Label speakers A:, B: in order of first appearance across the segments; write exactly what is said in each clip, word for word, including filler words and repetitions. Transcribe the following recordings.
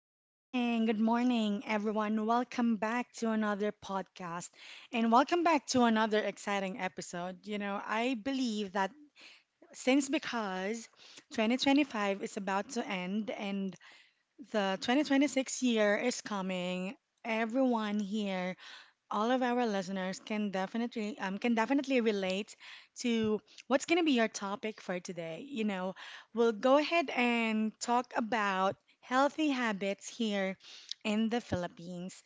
A: good morning. Good morning, everyone. Welcome back to another podcast and welcome back to another exciting episode. You know, I believe that since because twenty twenty-five is about to end and the twenty twenty-six year is coming, everyone here all of our listeners can definitely um, can definitely relate to what's going to be your topic for today. You know, we'll go ahead and talk about healthy habits here in the Philippines.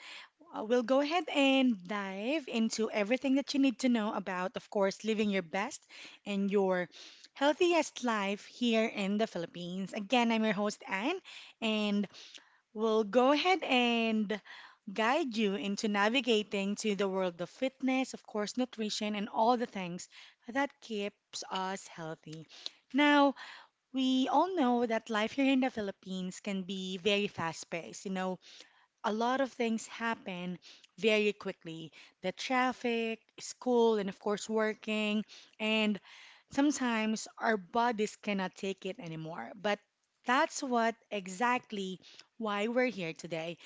A: Uh, we'll go ahead and dive into everything that you need to know about, of course, living your best and your healthiest life here in the Philippines. Again, I'm your host Anne, and we'll go ahead and guide you into navigating to the world of fitness, of course, nutrition, and all the things that keeps us healthy. Now, we all know that life here in the Philippines can be very fast-paced. You know, a lot of things happen very quickly. The traffic, school, and of course, working, and sometimes our bodies cannot take it anymore. But that's what exactly why we're here today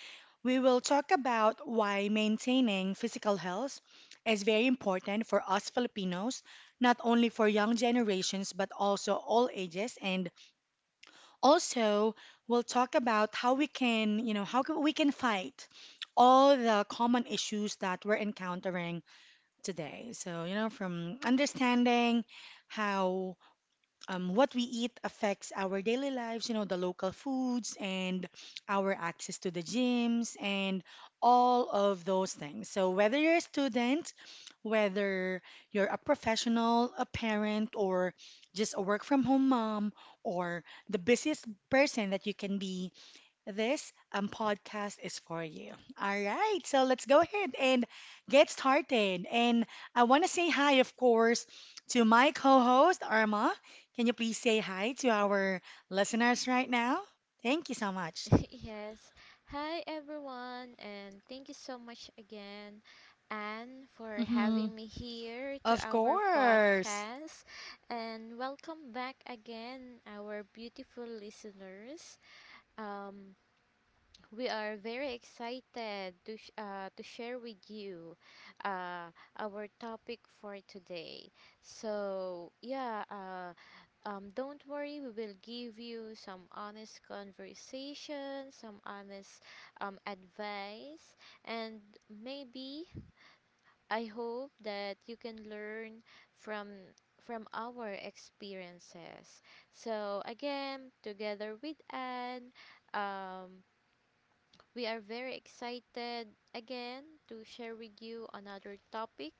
A: we will talk about why maintaining physical health is very important for us Filipinos, not only for young generations but also all ages and also we'll talk about how we can, you know, how can- we can fight all the common issues that we're encountering today. So, you know, from understanding how um, what we eat affects our daily lives, you know, the local foods and our access to the gyms and all of those things. So, whether you're a student, whether you're a professional, a parent, or just a work from home mom, or the busiest person that you can be, this um, podcast is for you. All right, so let's go ahead and get started. And I want to say hi, of course, to my co host, Arma. Can you please say hi to our listeners right now? Thank you so much.
B: yes. Hi, everyone, and thank you so much again, Anne, for
A: Hmm.
B: having me here to
A: Of
B: our
A: course.
B: podcast. And welcome back again, our beautiful listeners. Um, we are very excited to sh- uh, to share with you uh, our topic for today. So yeah, uh, um, don't worry. We will give you some honest conversation, some honest um, advice, and maybe I hope that you can learn from from our experiences. So again, together with Anne. Um, we are very excited again to share with you another topic.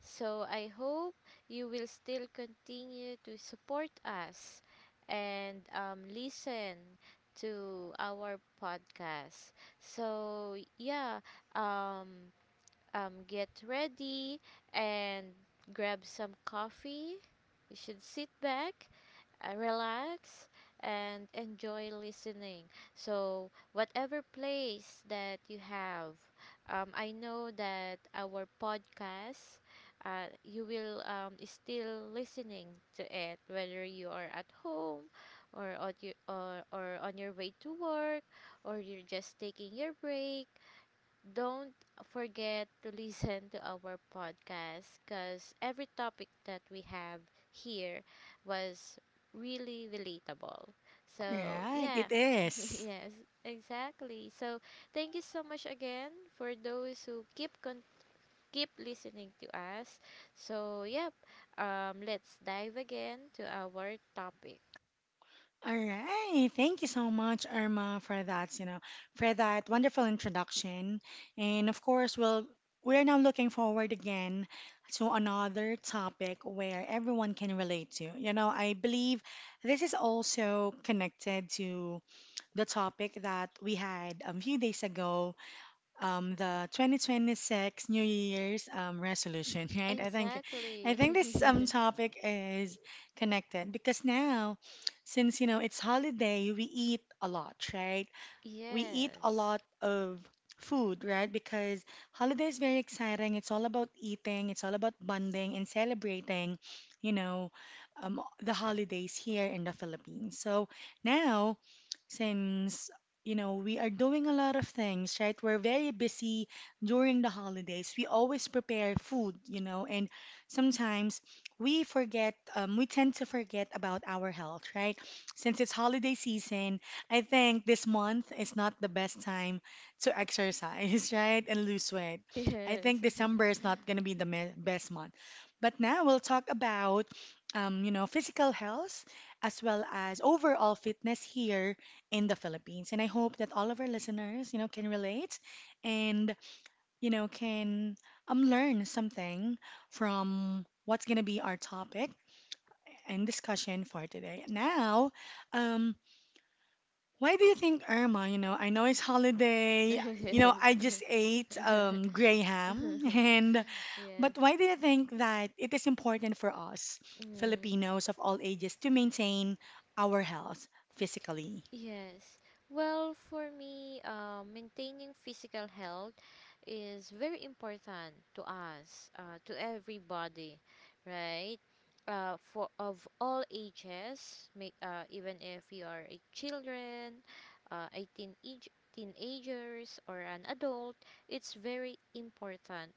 B: So I hope you will still continue to support us and um, listen to our podcast. So yeah, um, um, get ready and grab some coffee. You should sit back, uh, relax and enjoy listening. So, whatever place that you have, um, I know that our podcast, uh, you will um, still listening to it, whether you are at home or on your, or, or on your way to work or you're just taking your break, don't forget to listen to our podcast because every topic that we have here was really relatable. So,
A: Right,
B: yeah.
A: it is.
B: yes, exactly. So, thank you so much again for those who keep con- keep listening to us. So, yep. Um let's dive again to our topic.
A: All right. Thank you so much, Irma, for that, you know, for that wonderful introduction. And of course, we'll we are now looking forward again to another topic where everyone can relate to. You know, I believe this is also connected to the topic that we had a few days ago um the twenty twenty-six New Year's um resolution, right? I think I
B: Exactly.
A: think this um topic is connected because now since you know it's holiday, we eat a lot, right? We eat a
B: yes.
A: lot of food, right? Because holiday is very exciting. It's all about eating, it's all about bonding and celebrating, you know, um, the holidays here in the Philippines. So now, since you know we are doing a lot of things right we're very busy during the holidays we always prepare food you know and sometimes we forget um, we tend to forget about our health right since it's holiday season I think this month is not the best time to exercise, right? And lose weight. I think
B: Yes.
A: December is not going to be the me- best month. But now we'll talk about, um, you know, physical health as well as overall fitness here in the Philippines. And I hope that all of our listeners, you know, can relate and, you know, can um, learn something from what's going to be our topic and discussion for today. Now, um, why do you think Irma? You know, I know it's holiday. You know,
B: yes.
A: I just ate um, gray ham, and
B: yes.
A: but why do you think that it is important for us
B: mm
A: Filipinos of all ages to maintain our health physically?
B: Yes. Well, for me, uh, maintaining physical health is very important to us, uh, to everybody, right? Uh, for of all ages, may, uh, even if you are a children, uh, a teenage teenagers or an adult, it's very important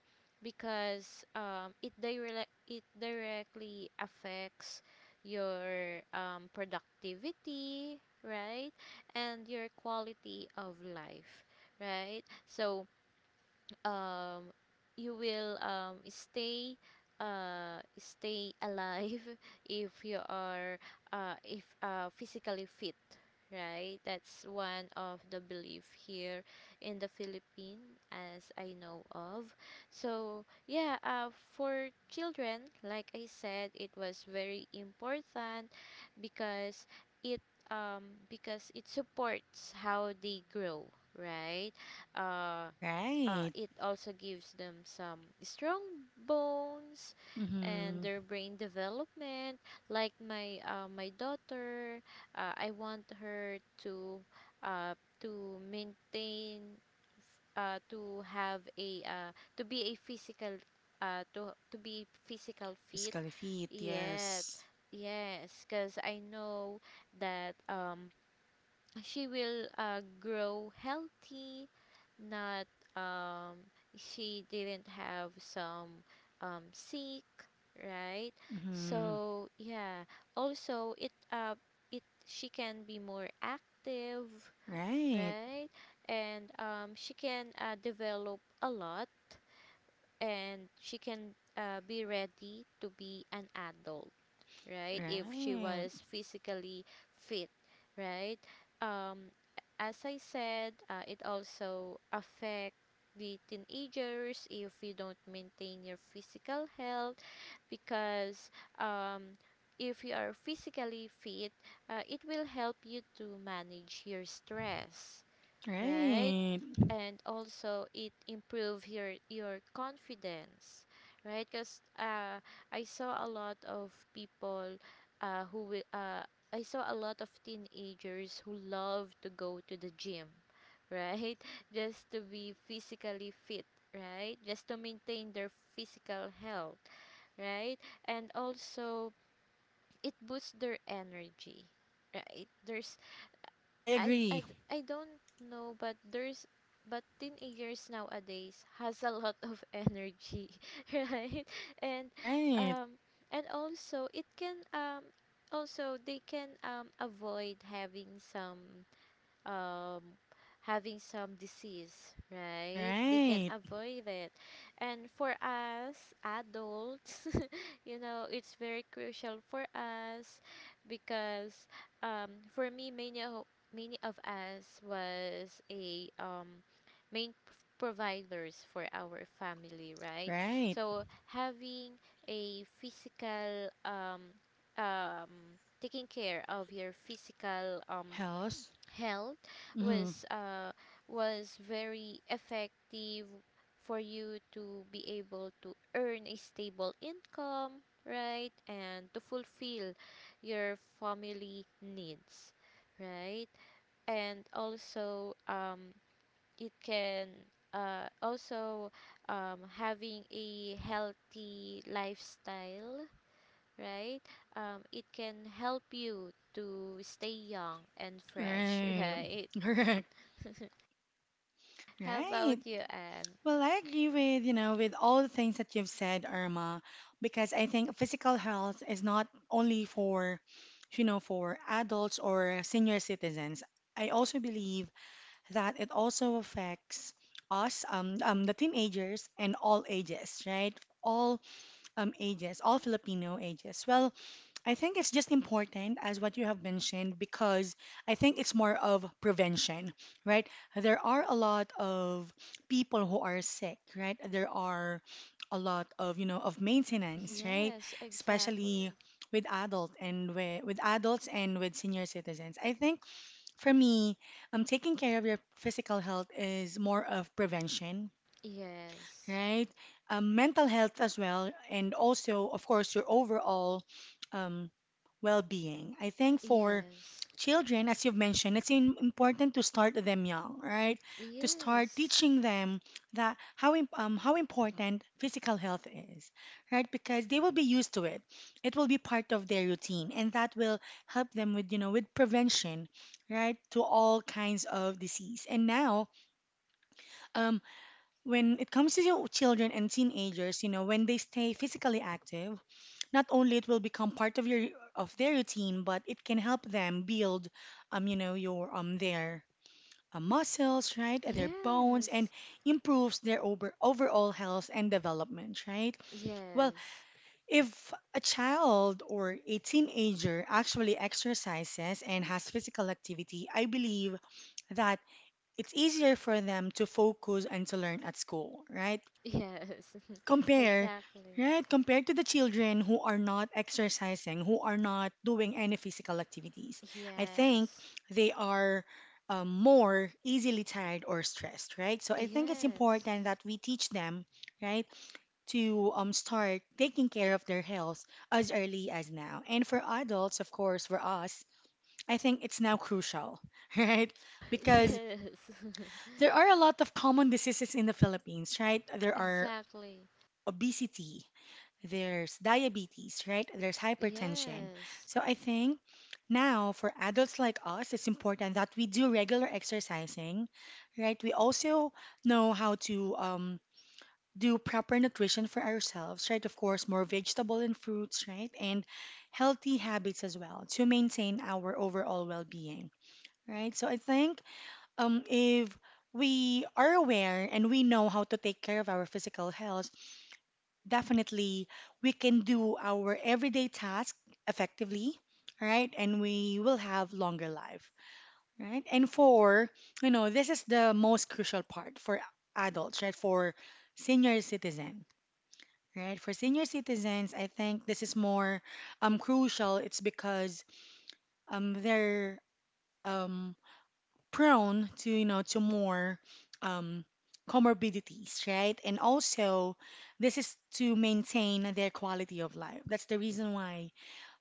B: because um, it direct it directly affects your um, productivity, right? And your quality of life, right? So, um you will um stay uh stay alive if you are uh if uh physically fit, right? That's one of the belief here in the Philippines as I know of. So yeah, uh, for children like I said it was very important because it um because it supports how they grow, right. uh uh,
A: Right.
B: it also gives them some strong bones and
A: Mm-hmm.
B: their brain development, like my uh, my daughter. uh, I want her to uh, to maintain uh, to have a uh, to be a physical uh, to to be physical fit
A: Physically fit.
B: yet.
A: Yes.
B: Yes, because I know that um uh, she will uh, grow healthy, not um she didn't have some um sick, right.
A: Mm-hmm.
B: So yeah, also it uh it she can be more active,
A: Right.
B: right. And um she can, uh, develop a lot and she can, uh, be ready to be an adult, right? If she
A: Right.
B: was physically fit, right? Um, as I said, uh, it also affect the teenagers if you don't maintain your physical health because, um, if you are physically fit, uh, it will help you to manage your stress, right?
A: Right.
B: And also it improve your your confidence, right? Because uh, I saw a lot of people uh, who wi- uh, I saw a lot of teenagers who love to go to the gym, right? Just to be physically fit, right? Just to maintain their physical health, right? And also it boosts their energy, right? There's
A: I
B: I, I,
A: agree.
B: d- I don't know, but there's but teenagers nowadays has a lot of energy, right? And
A: Right.
B: um and also it can um also they can um avoid having some um having some disease, right? They can
A: Right.
B: avoid it. And for us adults, you know it's very crucial for us because, um, for me many of, many of us was a um, main p- providers for our family, right.
A: Right.
B: So having a physical um, um, taking care of your physical um,
A: Health.
B: health
A: Mm-hmm.
B: was uh was very effective for you to be able to earn a stable income, right, and to fulfill your family needs, right. And also um it can uh also, um having a healthy lifestyle, right, um it can help you to stay young and fresh,
A: Right.
B: right.
A: Correct.
B: How
A: Right.
B: about you, Anne?
A: Well, I agree with, you know, with all the things that you've said, Irma, because I think physical health is not only for, you know, for adults or senior citizens. I also believe that it also affects us, um, um, the teenagers and all ages, right? All um, ages, all Filipino ages. Well, I think it's just important as what you have mentioned because I think it's more of prevention, right? There are a lot of people who are sick, right? There are a lot of, you know, of maintenance, right?
B: Yes,
A: Especially
B: exactly.
A: with adult and with, with adults and with senior citizens. I think for me, um, taking care of your physical health is more of prevention,
B: Yes.
A: right? Um, mental health as well, and also, of course, your overall um, well-being. I think for
B: Yes.
A: children, as you've mentioned, it's im- important to start them young, right? To start
B: Yes.
A: teaching them that how im- um, how important physical health is, right? Because they will be used to it. It will be part of their routine, and that will help them with you know with prevention, right, to all kinds of disease. And now, um, when it comes to your children and teenagers, you know, when they stay physically active not only it will become part of your of their routine, but it can help them build um you know your um their uh, muscles, right? Their bones and
B: Yes.
A: improves their over, overall health and development, right? Well,
B: Yes.
A: if a child or a teenager actually exercises and has physical activity, I believe that it's easier for them to focus and to learn at school, right?
B: Yes.
A: Compare,
B: exactly.
A: right? Compared to the children who are not exercising, who are not doing any physical activities. I think
B: Yes.
A: they are um, more easily tired or stressed, right? So I think it's
B: Yes.
A: important that we teach them, right, to um, start taking care of their health as early as now. And for adults, of course, for us, I think it's now crucial, right? Because
B: Yes.
A: there are a lot of common diseases in the Philippines, right? There are
B: exactly.
A: obesity, there's diabetes, right? There's hypertension.
B: Yes.
A: So I think now for adults like us, it's important that we do regular exercising, right? We also know how to um, do proper nutrition for ourselves, right? Of course, more vegetable and fruits, right? And healthy habits as well to maintain our overall well-being, right? So I think um, if we are aware and we know how to take care of our physical health, definitely we can do our everyday task effectively, right? And we will have longer life, right? And for, you know, this is the most crucial part for adults, right? For senior citizen, right? For senior citizens, I think this is more um crucial. It's because um they're um prone to you know to more um, comorbidities right and also this is to maintain their quality of life that's the reason why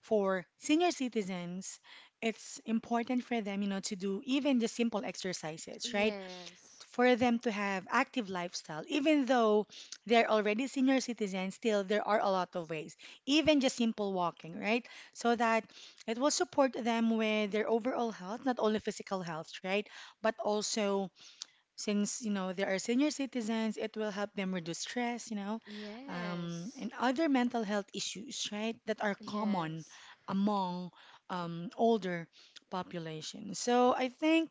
A: for senior citizens it's important for them you know to do even just simple exercises right
B: Yes.
A: for them to have active lifestyle even though they're already senior citizens still there are a lot of ways even just simple walking right so that it will support them with their overall health not only physical health right but also since you know they are senior citizens it will help them reduce stress you know um,
B: Yes.
A: and other mental health issues right that are common
B: Yes.
A: among um, older population so I think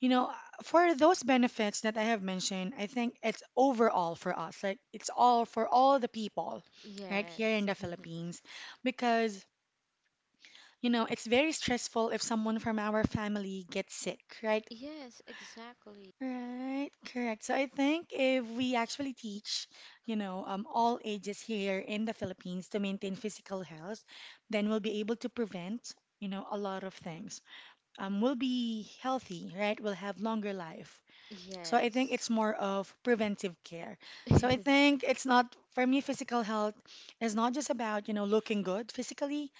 A: you know, for those benefits that I have mentioned, I think it's overall for us. Like it's all for all the people right here in
B: Yes.
A: the Philippines because, you know, it's very stressful if someone from our family gets sick, right?
B: yes, exactly.
A: Right, correct. So I think if we actually teach, you know, um, all ages here in the Philippines to maintain physical health, then we'll be able to prevent, you know, a lot of things. Um, we'll be healthy, right? We'll have longer life. So I think
B: Yes.
A: it's more of preventive care. So I think it's not, for me, physical health is not just about, you know, looking good physically,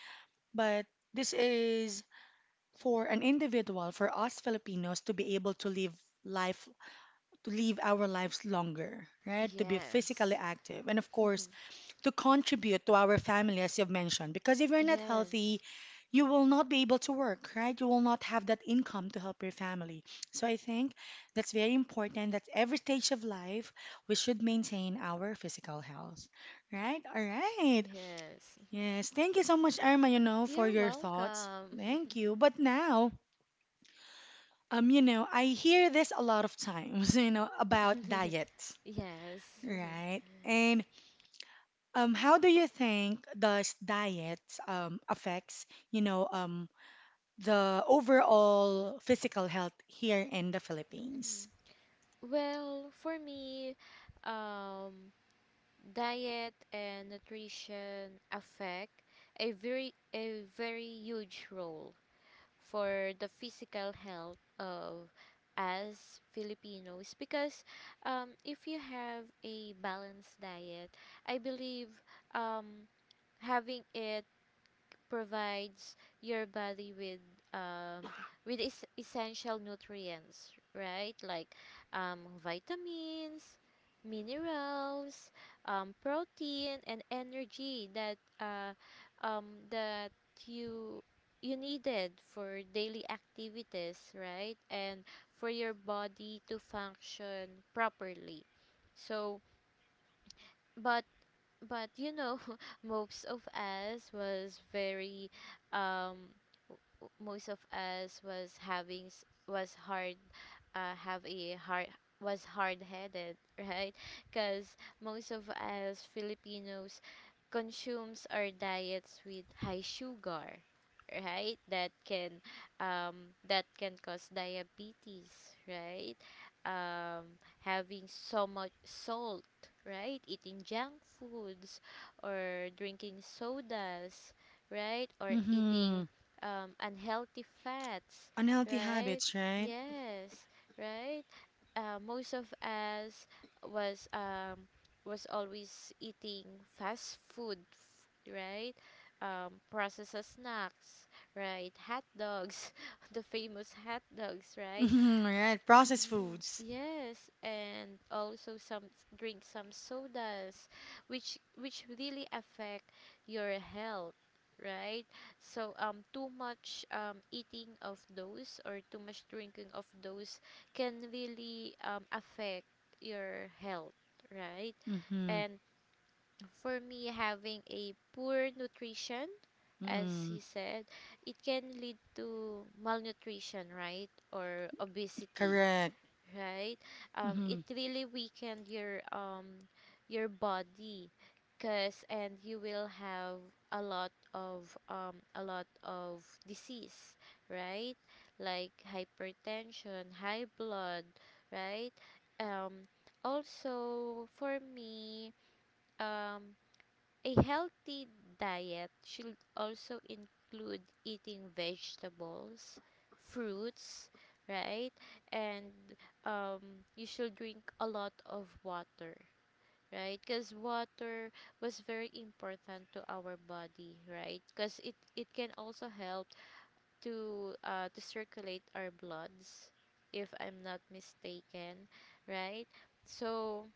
A: but this is for an individual, for us Filipinos to be able to live life, to live our lives longer, right? To be physically
B: yes.
A: active. And of course,
B: Mhm.
A: to contribute to our family, as you've mentioned. Because if you're not healthy,
B: Yes.
A: you will not be able to work, right? You will not have that income to help your family. So I think that's very important that every stage of life, we should maintain our physical health, right? All right.
B: Yes.
A: Yes. Thank you so much, Irma, you know, for
B: You're
A: your thoughts.
B: welcome.
A: Thank you. But now, um, you know, I hear this a lot of times, you know, about diets,
B: yes.
A: right? And Um, how do you think does diet um, affects, you know, um, the overall physical health here in the Philippines?
B: Mhm. Well, for me, um, diet and nutrition affect a very a very huge role for the physical health of us Filipinos because, um, if you have a balanced diet, I believe um, having it provides your body with um, with es- essential nutrients, right? Like um, vitamins, minerals, um, protein, and energy that uh, um, that you you needed for daily activities, right? And for your body to function properly. So, but but you know, most of us was very um most of us was having s- was hard uh, have a hard was hard-headed, right, because most of us Filipinos consumes our diets with high sugar, right, that can um that can cause diabetes, right. Um having so much salt, right, eating junk foods or drinking sodas, right, or
A: Mm-hmm.
B: eating um, unhealthy fats,
A: Unhealthy
B: right?
A: habits, right?
B: Yes, right. Uh, most of us was um, was always eating fast food, f- right? Um, processed snacks, right? Hot dogs, the famous hot dogs, right?
A: Mm-hmm, right. Processed
B: Mhm.
A: foods.
B: Yes, and also some drink some sodas, which which really affect your health, right? So um, too much um eating of those or too much drinking of those can really um affect your health, right?
A: Mm-hmm.
B: And for me, having a poor nutrition, as
A: Mm-hmm.
B: he said, it can lead to malnutrition, right, or obesity,
A: Correct.
B: right? Um, it
A: Mm-hmm.
B: really weakened your um your body, cause and you will have a lot of um a lot of disease, right? Like hypertension, high blood, right? Um, Also for me, um, a healthy diet should also include eating vegetables, fruits, right? And um, you should drink a lot of water, right? Because water was very important to our body, right? Because it, it can also help to uh, to circulate our bloods, if I'm not mistaken, right? So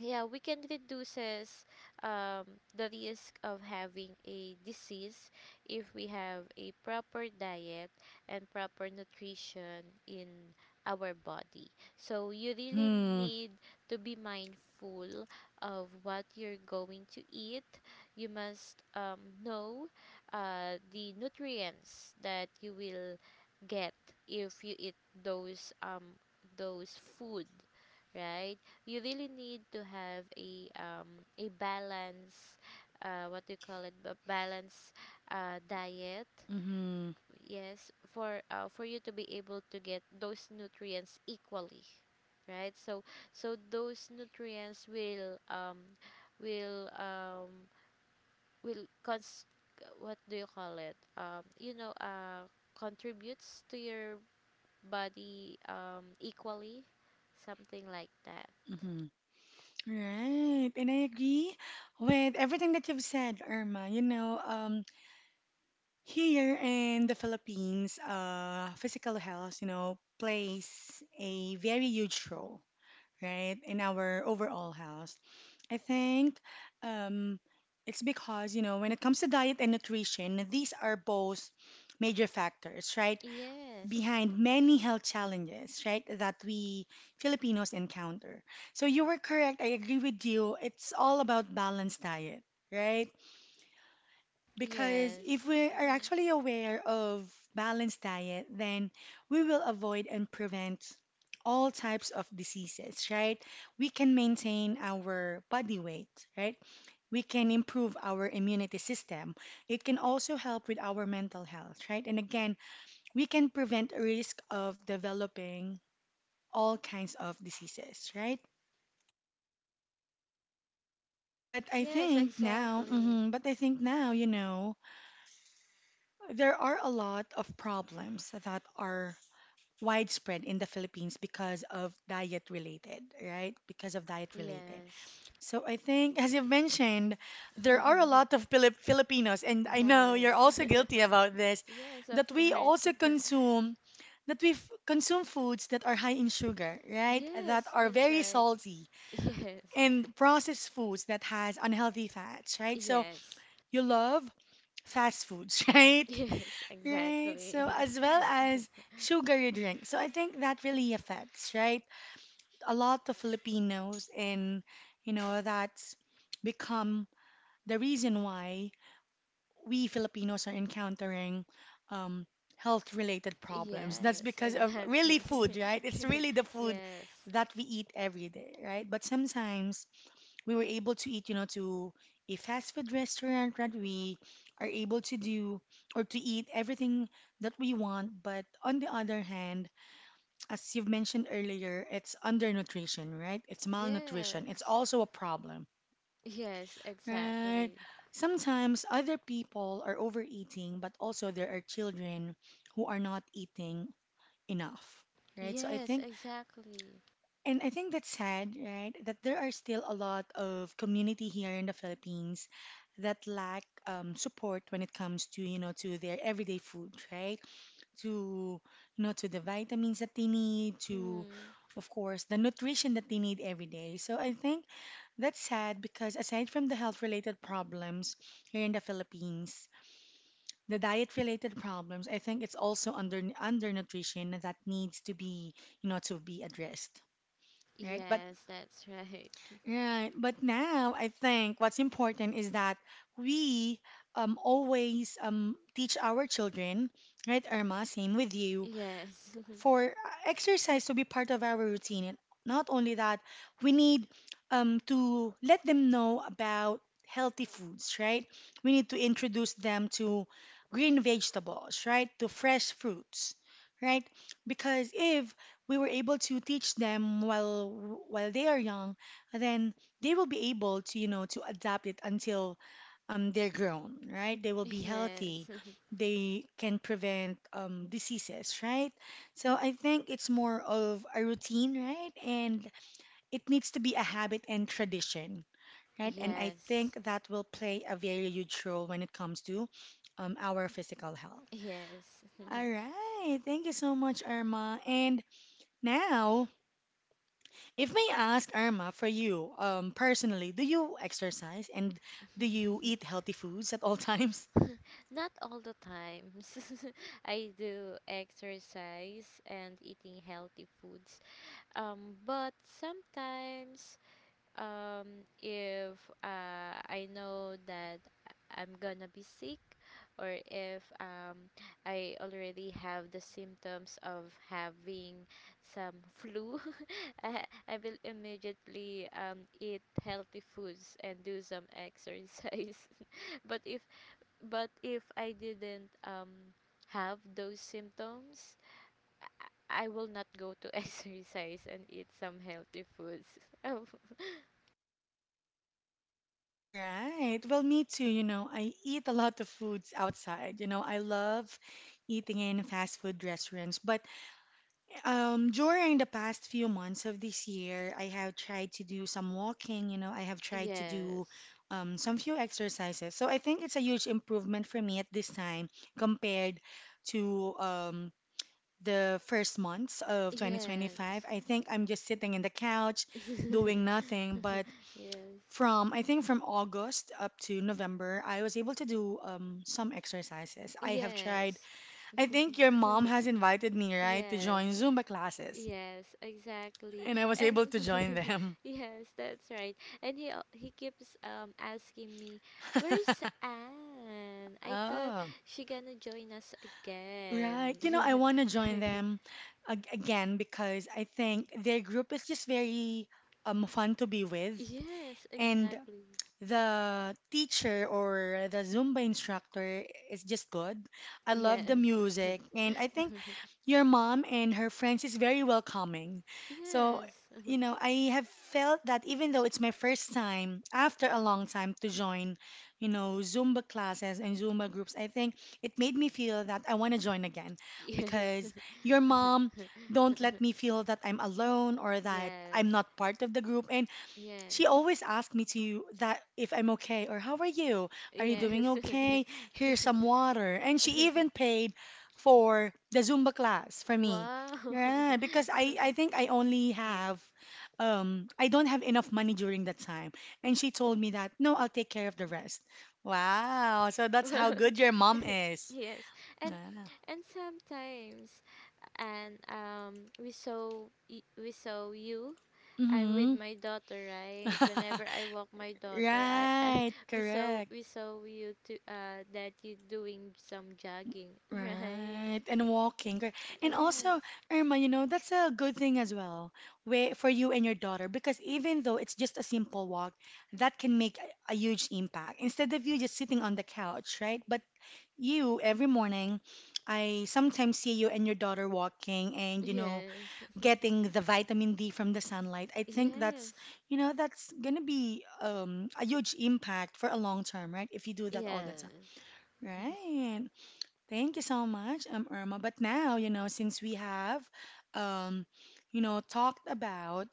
B: yeah, we can reduces um, the risk of having a disease if we have a proper diet and proper nutrition in our body. So you really
A: Mm-hmm.
B: need to be mindful of what you're going to eat. You must um, know uh, the nutrients that you will get if you eat those um those food, right. You really need to have a um a balance, uh what do you call it, a balance uh diet.
A: Mm-hmm.
B: Yes, for, uh, for you to be able to get those nutrients equally, right. So so those nutrients will um will um will cons what do you call it, um you know, uh contributes to your body um equally, something like that.
A: Mm-hmm. Right. And I agree with everything that you've said, Irma. You know, um, here in the Philippines, uh, physical health, you know, plays a very huge role, right, in our overall health. I think um, it's because, you know, when it comes to diet and nutrition, these are both major factors, right,
B: Yes.
A: behind many health challenges, right, that we Filipinos encounter. So you were correct. I agree with you. It's all about balanced diet, right? Because if
B: Yes.
A: we are
B: hmm
A: actually aware of balanced diet, then we will avoid and prevent all types of diseases, right? We can maintain our body weight, right? We can improve our immunity system. It can also help with our mental health, right? And again, we can prevent a risk of developing all kinds of diseases, right? But I
B: Yes,
A: think now,
B: exactly.
A: mhm, but I think now, you know, there are a lot of problems that are widespread in the Philippines because of diet related, right? Because of diet related.
B: Yes.
A: So I think, as you have mentioned, there are a lot of Filip Filipinos, and I know you're
B: yes.
A: also guilty about this,
B: yes, of
A: that we
B: course.
A: also consume that we f- consume foods that are high in sugar, right? That
B: yes,
A: are
B: that's
A: very
B: right.
A: salty
B: Yes.
A: and processed foods that has unhealthy fats, right? So
B: Yes.
A: you love fast foods, right?
B: Yes,
A: Right. So
B: exactly.
A: as well as sugar you drink, so I think that really affects, right? A lot of Filipinos and you know that's become the reason why we Filipinos are encountering um, health related problems. That's
B: yes,
A: because of really food,
B: exactly.
A: right? It's really the food
B: yes.
A: that we eat every day, right? But sometimes we were able to eat, you know, to a fast food restaurant, right? We are able to do or to eat everything that we want. But on the other hand, as you've mentioned earlier, it's undernutrition, right? It's malnutrition. It's
B: Yes.
A: also a problem,
B: Yes,
A: right?
B: exactly.
A: Sometimes other people are overeating, but also there are children who are not eating enough, right? So I
B: Yes,
A: think.
B: exactly.
A: And I think that's sad, right? That there are still a lot of community here in the Philippines that lack um, support when it comes to, you know, to their everyday food, right? To, you know, to the vitamins that they need, to,
B: Mm.
A: of course, the nutrition that they need every day. So I think that's sad because aside from the health-related problems here in the Philippines, the diet-related problems, I think it's also under undernutrition that needs to be, you know, to be addressed. Right, but.
B: Yes, that's right.
A: Right. But now I think what's important is that we um, always um, teach our children, right, Irma? Same with you
B: Yes.
A: for uh, exercise to be part of our routine. And not only that, we need um, to let them know about healthy foods, right? We need to introduce them to green vegetables, right? To fresh fruits, right? Because if we were able to teach them while while they are young, then they will be able to, you know, to adapt it until um, they're grown, right? They will be healthy.
B: yes.
A: They can prevent um, diseases, right? So I think it's more of a routine, right? And it needs to be a habit and tradition, right? And I
B: Yes.
A: think that will play a very huge role when it comes to um, our physical health.
B: Yes.
A: All right. Thank you so much, Irma. And now, if may ask Irma, for you um, personally, do you exercise and do you eat healthy foods at all times?
B: Not all the times. I do exercise and eating healthy foods. Um but sometimes um if uh, I know that I'm gonna be sick or if um I already have the symptoms of having some flu, I, I will immediately um eat healthy foods and do some exercise, but if but if I didn't um have those symptoms I I will not go to exercise and eat some healthy foods. Oh.
A: Right. Well, me too. You know, I eat a lot of foods outside. You know, I love eating in fast food restaurants. But um, during the past few months of this year, I have tried to do some walking. You know, I have tried to do
B: Yes.
A: um, some few exercises. So I think it's a huge improvement for me at this time compared to um, the first months of twenty twenty-five.
B: Yes.
A: I think I'm just sitting in the couch doing nothing, but
B: yes.
A: from I think from August up to November, I was able to do um, some exercises. I have tried.
B: Yes.
A: I think your mom has invited me, right, to
B: Yes.
A: join Zumba classes,
B: Yes, exactly.
A: and I was
B: And
A: able to join them.
B: yes, that's right. And he al- he keeps um asking me, "Where's Anne? I thought
A: Oh,
B: she gonna join us
A: right.
B: again."
A: You know, I want to join them ag- again because I think their group is just very um fun to be with,
B: yes,
A: and
B: exactly.
A: the teacher or the Zumba instructor is just good. I love the
B: Yes.
A: music, and I think your mom and her friends is very welcoming. So,
B: Yes.
A: you know, I have felt that even though it's my first time after a long time to join, you know, Zumba classes and Zumba groups, I think it made me feel that I want to join again
B: yes.
A: because your mom don't let me feel that I'm alone or that I'm
B: yes.
A: not part of the group. And she
B: Yes.
A: always asked me to that if I'm okay or how are you? Are you doing
B: Yes.
A: okay? Here's some water. And she even paid for the Zumba class for me.
B: Wow.
A: Yeah, because I I think I only have um I don't have enough money during that time. And she told me that, "No, I'll take care of the rest." Wow. So that's
B: Wow.
A: how good your mom is.
B: Yes. And
A: Yeah.
B: and sometimes and um we saw y- we saw you. I'm
A: Mhm.
B: with my daughter, right? Whenever I walk my daughter, I, I
A: Right,
B: we saw
A: correct.
B: we saw you to uh that you doing some jogging, right?
A: Right, and walking. Correct. And also,
B: Yes.
A: Irma, you know, that's a good thing as well way for you and your daughter because even though it's just a simple walk, that can make a, a huge impact. Instead of you just sitting on the couch, right? But you, every morning, I sometimes see you and your daughter walking and, you know,
B: Yes.
A: getting the vitamin D from the sunlight. I think that's,
B: Yes.
A: you know, that's gonna be um, a huge impact for a long term, right? If you do that all the time.
B: Yes.
A: Right. Thank you so much, um, Irma. But now, you know, since we have, um, you know, talked about,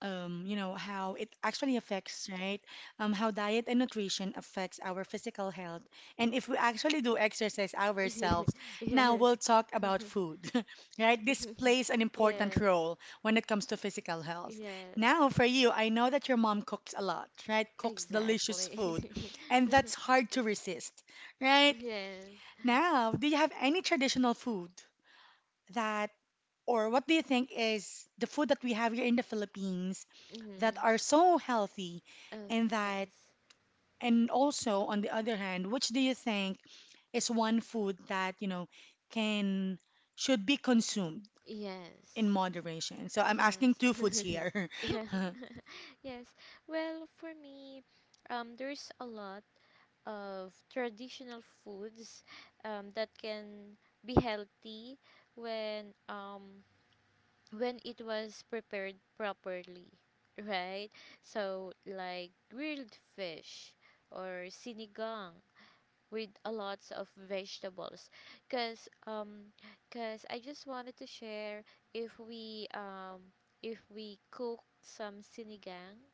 A: um, you know, how it actually affects, right? Um, how diet and nutrition affects our physical health, and if we actually do exercise ourselves,
B: yes.
A: now we'll talk about food, right? This plays an important
B: yes.
A: role when it comes to physical health.
B: Yes,
A: Now, for you, I know that your mom cooks a lot, right? Cooks delicious
B: exactly.
A: food, and that's hard to resist, right?
B: yes.
A: Now, do you have any traditional food that, or what do you think is the food that we have here in the Philippines that
B: Mm-hmm.
A: are so healthy
B: Okay,
A: and that,
B: yes.
A: and also on the other hand, which do you think is one food that, you know, can, should be consumed in
B: Yes.
A: moderation? So I'm asking
B: Yes.
A: two foods here.
B: yes. Yes. Well, for me, um, there's a lot of traditional foods um, that can be healthy when um when it was prepared properly, right? So like grilled fish or sinigang with a lots of vegetables, because um because I just wanted to share, if we um if we cook some sinigang,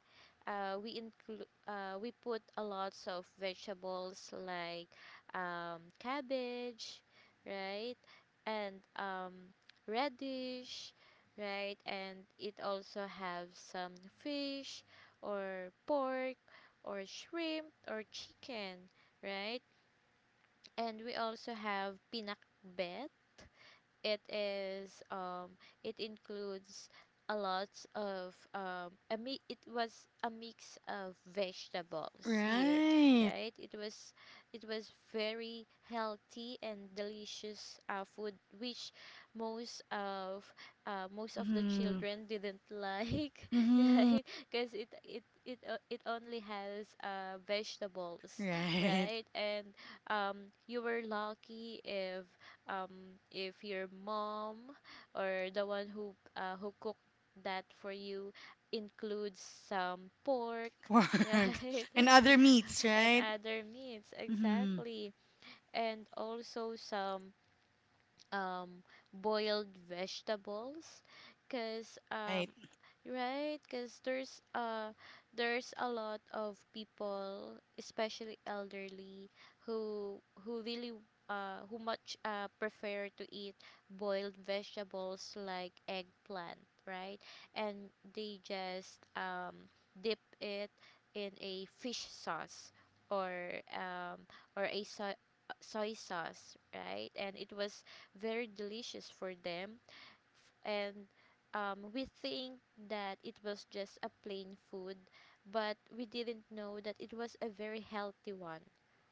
B: uh we include, uh we put a lots of vegetables like um cabbage, right, and um radish, right, and it also have some fish or pork or shrimp or chicken, right. And we also have pinakbet. It is um it includes a lot of um a mi- it was a mix of vegetables here,
A: Right.
B: right. It was it was very healthy and delicious, uh, food which most of, uh, most of the
A: Mm-hmm.
B: children didn't like,
A: Mm-hmm.
B: right, because it it it, uh, it only has, uh, vegetables,
A: Right.
B: right. And um, you were lucky if, um, if your mom or the one who, uh, who cooked that for you includes some pork,
A: Pork
B: right?
A: and other meats,
B: and
A: right?
B: other meats,
A: Mm-hmm.
B: exactly. And also some um, boiled vegetables. Because um,
A: Right.
B: Right, because there's uh there's a lot of people, especially elderly, who who really uh who much uh prefer to eat boiled vegetables like eggplant, right? And they just um dip it in a fish sauce or um or a so- soy sauce, right? And it was very delicious for them and um, we think that it was just a plain food, but we didn't know that it was a very healthy one,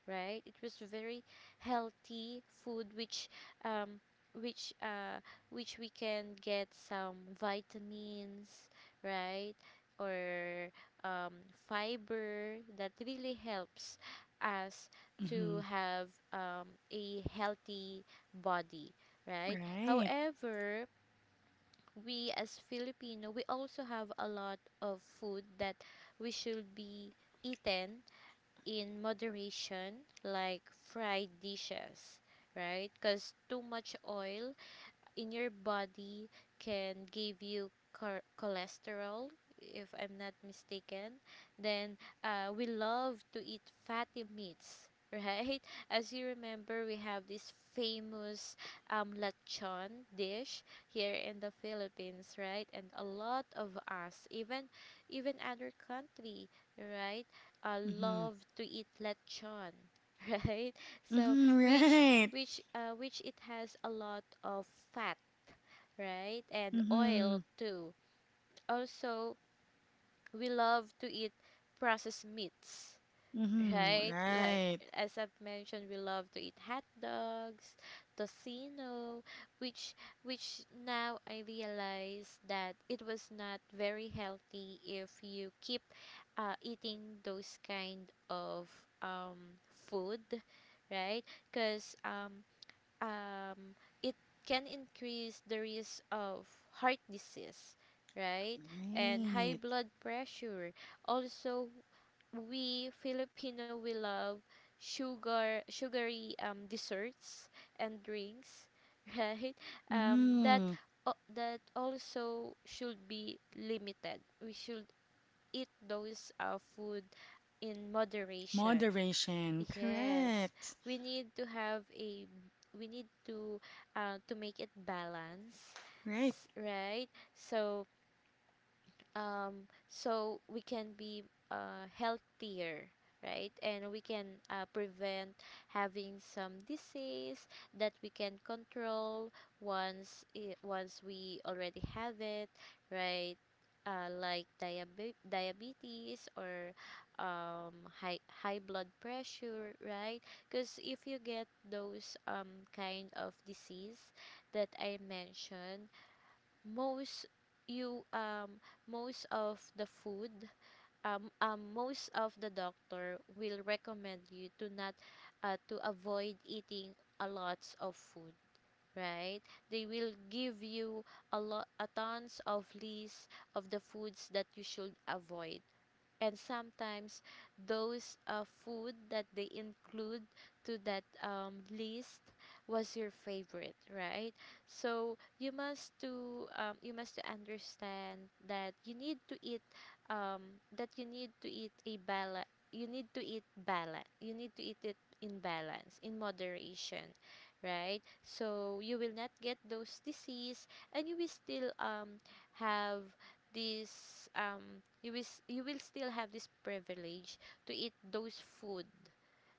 B: right? It was very healthy food, which um, which uh, which we can get some vitamins, right? Or um, fiber that really helps us to
A: Mm-hmm.
B: have um, a healthy body, right?
A: Right.
B: However, we as Filipino, we also have a lot of food that we should be eaten in moderation, like fried dishes, right? Because too much oil in your body can give you chor- cholesterol if I'm not mistaken. Then uh, we love to eat fatty meats, right? As you remember, we have this famous um, lechon dish here in the Philippines, right? And a lot of us, even even other country, right, uh,
A: Mm-hmm.
B: love to eat lechon. Right. So
A: Mm-hmm.
B: which
A: Right.
B: which uh, which it has a lot of fat, right? And
A: Mm-hmm.
B: oil too. Also, we love to eat processed meats,
A: Mm-hmm.
B: right? Like
A: Right.
B: as I've mentioned, we love to eat hot dogs, tocino, which which now I realize that it was not very healthy if you keep uh, eating those kind of um, food, right? Because um, um, it can increase the risk of heart disease, right? And high
A: Right.
B: blood pressure. Also, we Filipino we love sugar, sugary um, desserts and drinks, right? Um, that
A: Mm-hmm.
B: o- that also should be limited. We should eat those uh, food in moderation.
A: Moderation.
B: Yes,
A: Correct.
B: we need to have a we need to uh, to make it balance,
A: Right.
B: s- right? So um, so we can be uh, healthier, right? And we can uh, prevent having some disease that we can control once i once we already have it, right? Uh, like diabe- diabetes or um, high high blood pressure, right? Because if you get those um, kind of disease that I mentioned, most you um most of the food um, um most of the doctor will recommend you to not, uh, to avoid eating a lots of food, right? They will give you a lot a tons of list of the foods that you should avoid. And sometimes those uh, food that they include to that um, list was your favorite, right? So you must to um, you must to understand that you need to eat, um, that you need to eat a balance. You need to eat balance you need to eat it in balance, in moderation, right? So you will not get those disease and you will still um have this um you will s- you will still have this privilege to eat those food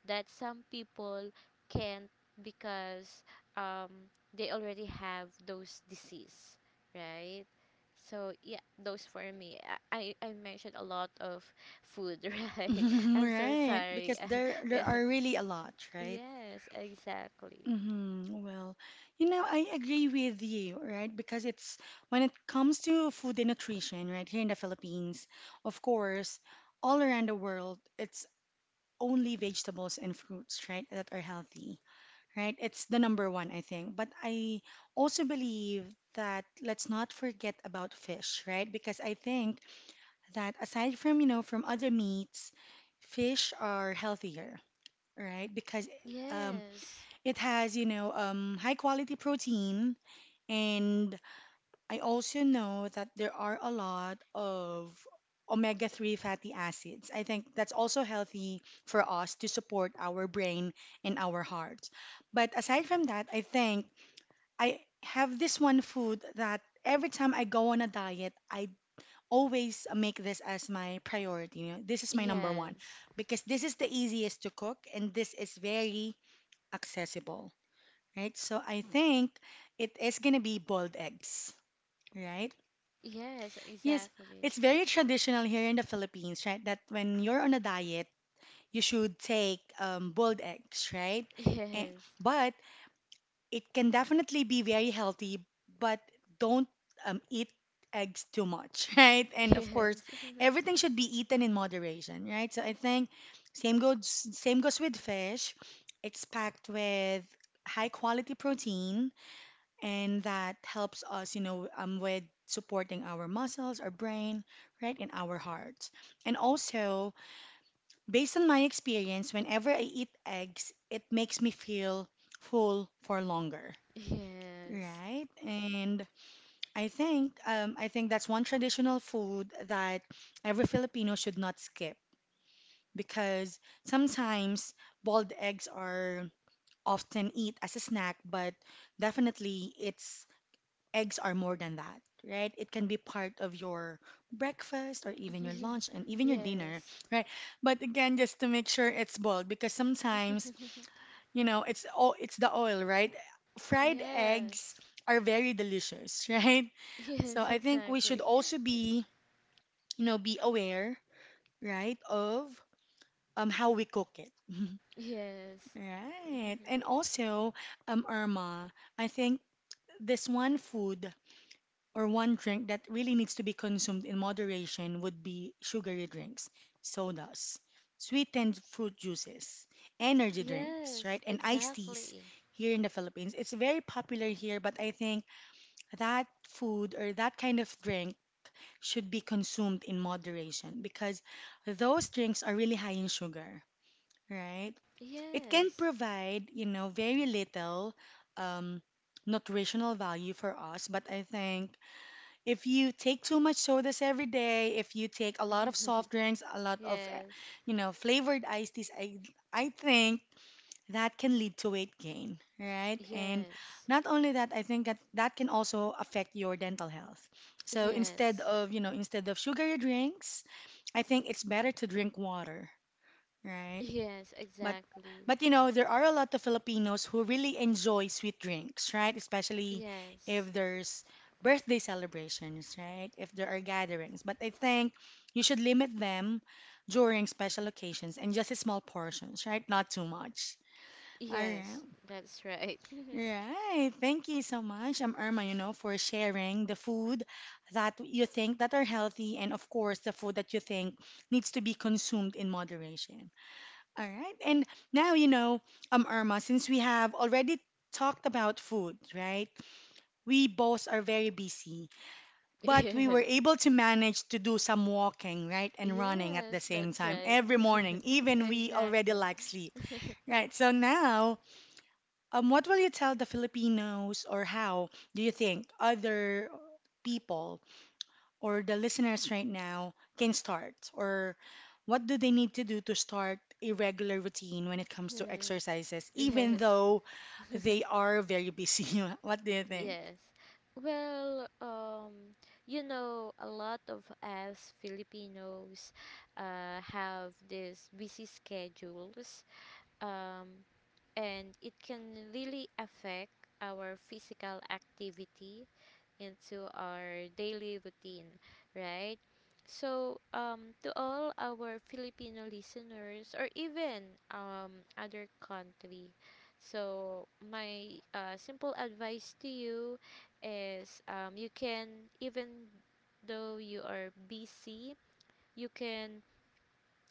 B: that some people can't because um they already have those disease, right? So yeah, those for me. I i I mentioned a lot of food. Right. I'm so
A: Right.
B: sorry.
A: Because
B: And
A: there there
B: yeah,
A: are really a lot, right?
B: yes, exactly.
A: Mm-hmm. Well, you know, I agree with you, right? Because it's when it comes to food and nutrition, right, here in the Philippines, of course, all around the world, it's only vegetables and fruits, right, that are healthy right? It's the number one, I think. But I also believe that let's not forget about fish, right? Because I think that aside from, you know, from other meats, fish are healthier, right? Because um,
B: Yes,
A: it has, you know, um, high quality protein. And I also know that there are a lot of omega three fatty acids. I think that's also healthy for us to support our brain and our heart. But aside from that, I think I have this one food that every time I go on a diet, I always make this as my priority. You know, this is my number one
B: yes,
A: because this is the easiest to cook and this is very accessible, right? So I think it is gonna be boiled eggs, right?
B: yes,
A: Yes,
B: exactly.
A: it's very traditional here in the Philippines, right? That when you're on a diet, you should take um, boiled eggs, right? And,
B: Yes.
A: but. It can definitely be very healthy, but don't um, eat eggs too much, right? And of course,
B: Yes.
A: everything should be eaten in moderation, right? So I think same goes same goes with fish. It's packed with high quality protein, and that helps us, you know, um, with supporting our muscles, our brain, right, and our hearts. And also, based on my experience, whenever I eat eggs, it makes me feel full for longer.
B: Yes.
A: Right. And I think um, I think that's one traditional food that every Filipino should not skip because sometimes boiled eggs are often eat as a snack, but definitely it's eggs are more than that, right? It can be part of your breakfast or even your lunch and even your dinner,
B: Yes.
A: right? But again, just to make sure it's boiled because sometimes, you know, it's oh, it's the oil, right? Fried eggs
B: Yes.
A: are very delicious, right? So
B: Yes,
A: I think we should
B: exactly.
A: also be, you know, be aware, right, of um how we cook it.
B: Yes.
A: Right. And also, um, Irma, I think this one food or one drink that really needs to be consumed in moderation would be sugary drinks, sodas, sweetened fruit juices, energy drinks, right?
B: Yes,
A: And iced teas
B: exactly.
A: here in the Philippines. It's very popular here, but I think that food or that kind of drink should be consumed in moderation because those drinks are really high in sugar, right? It can
B: Yes.
A: provide, you know, very little um, nutritional value for us, but I think if you take too much sodas every day, if you take a lot of soft drinks, a lot of, eh,
B: Yes.
A: you know, flavored iced teas, I, I think that can lead to weight gain, right? And
B: Yes.
A: not only that, I think that that can also affect your dental health. So instead
B: Yes.
A: of, you know, instead of sugary drinks, I think it's better to drink water, right?
B: Yes,
A: But
B: exactly.
A: but you know, there are a lot of Filipinos who really enjoy sweet drinks, right? Especially if
B: Yes.
A: there's birthday celebrations, right? If there are gatherings. But I think you should limit them during special occasions and just small portions, right? Not too much. All right.
B: Yes, that's right.
A: Right. Thank you so much, um, Irma, you know, for sharing the food that you think that are healthy and of course the food that you think needs to be consumed in moderation. All right. And now, you know, um, Irma, since we have already talked about food, right? We both are very busy, but we were
B: Yes.
A: able to manage to do some walking, right? And running at the
B: Yes,
A: same
B: that's
A: time
B: right.
A: every morning, even we already
B: Exactly.
A: lack sleep, right? So now, um, what will you tell the Filipinos, or how do you think other people or the listeners right now can start? Or what do they need to do to start a regular routine when it comes to
B: Hmm.
A: exercises, even
B: Yes.
A: though they are very busy? What do you think?
B: Yes. Well, um, you know, a lot of us Filipinos uh, have these busy schedules, um, and it can really affect our physical activity into our daily routine, right? So, um, to all our Filipino listeners or even um, other country, so my uh, simple advice to you is um, you can, even though you are busy, you can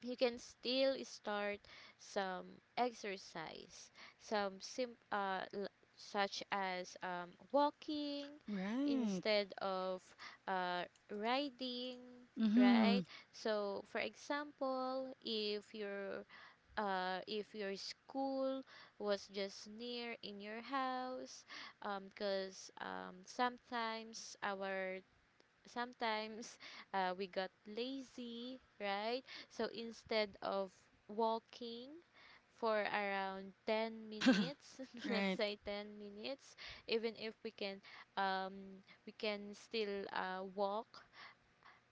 B: you can still start some exercise, some sim uh, l- such as um, walking
A: Right.
B: instead of uh, riding,
A: Mm-hmm.
B: right? So, for example, if your uh, if your school was just near in your house, because um, 'cause, um, sometimes our sometimes uh, we got lazy, right? So instead of walking for around ten minutes, let's
A: Right.
B: say ten minutes, even if we can um, we can still uh, walk,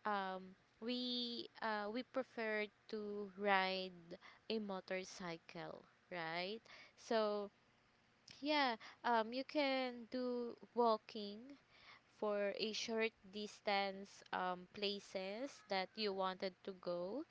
B: um, we uh, we prefer to ride a motorcycle, right? So yeah, um, you can do walking for a short distance um, places that you wanted to go.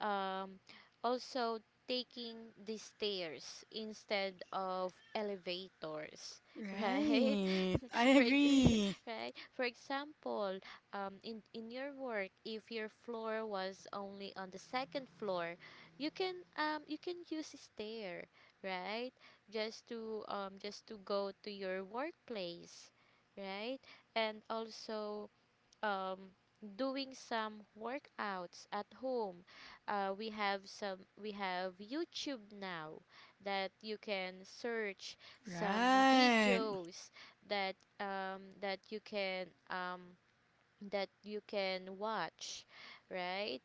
B: Um, Also, taking the stairs instead of elevators, right?
A: Right. I
B: for ex-
A: agree.
B: Right, for example, um in in your work, if your floor was only on the second floor, you can um you can use a stair, right? Just to um just to go to your workplace, right? And also, um, doing some workouts at home. Uh, we have some we have YouTube now that you can search some
A: Right.
B: videos that um, that you can um, that you can watch, right?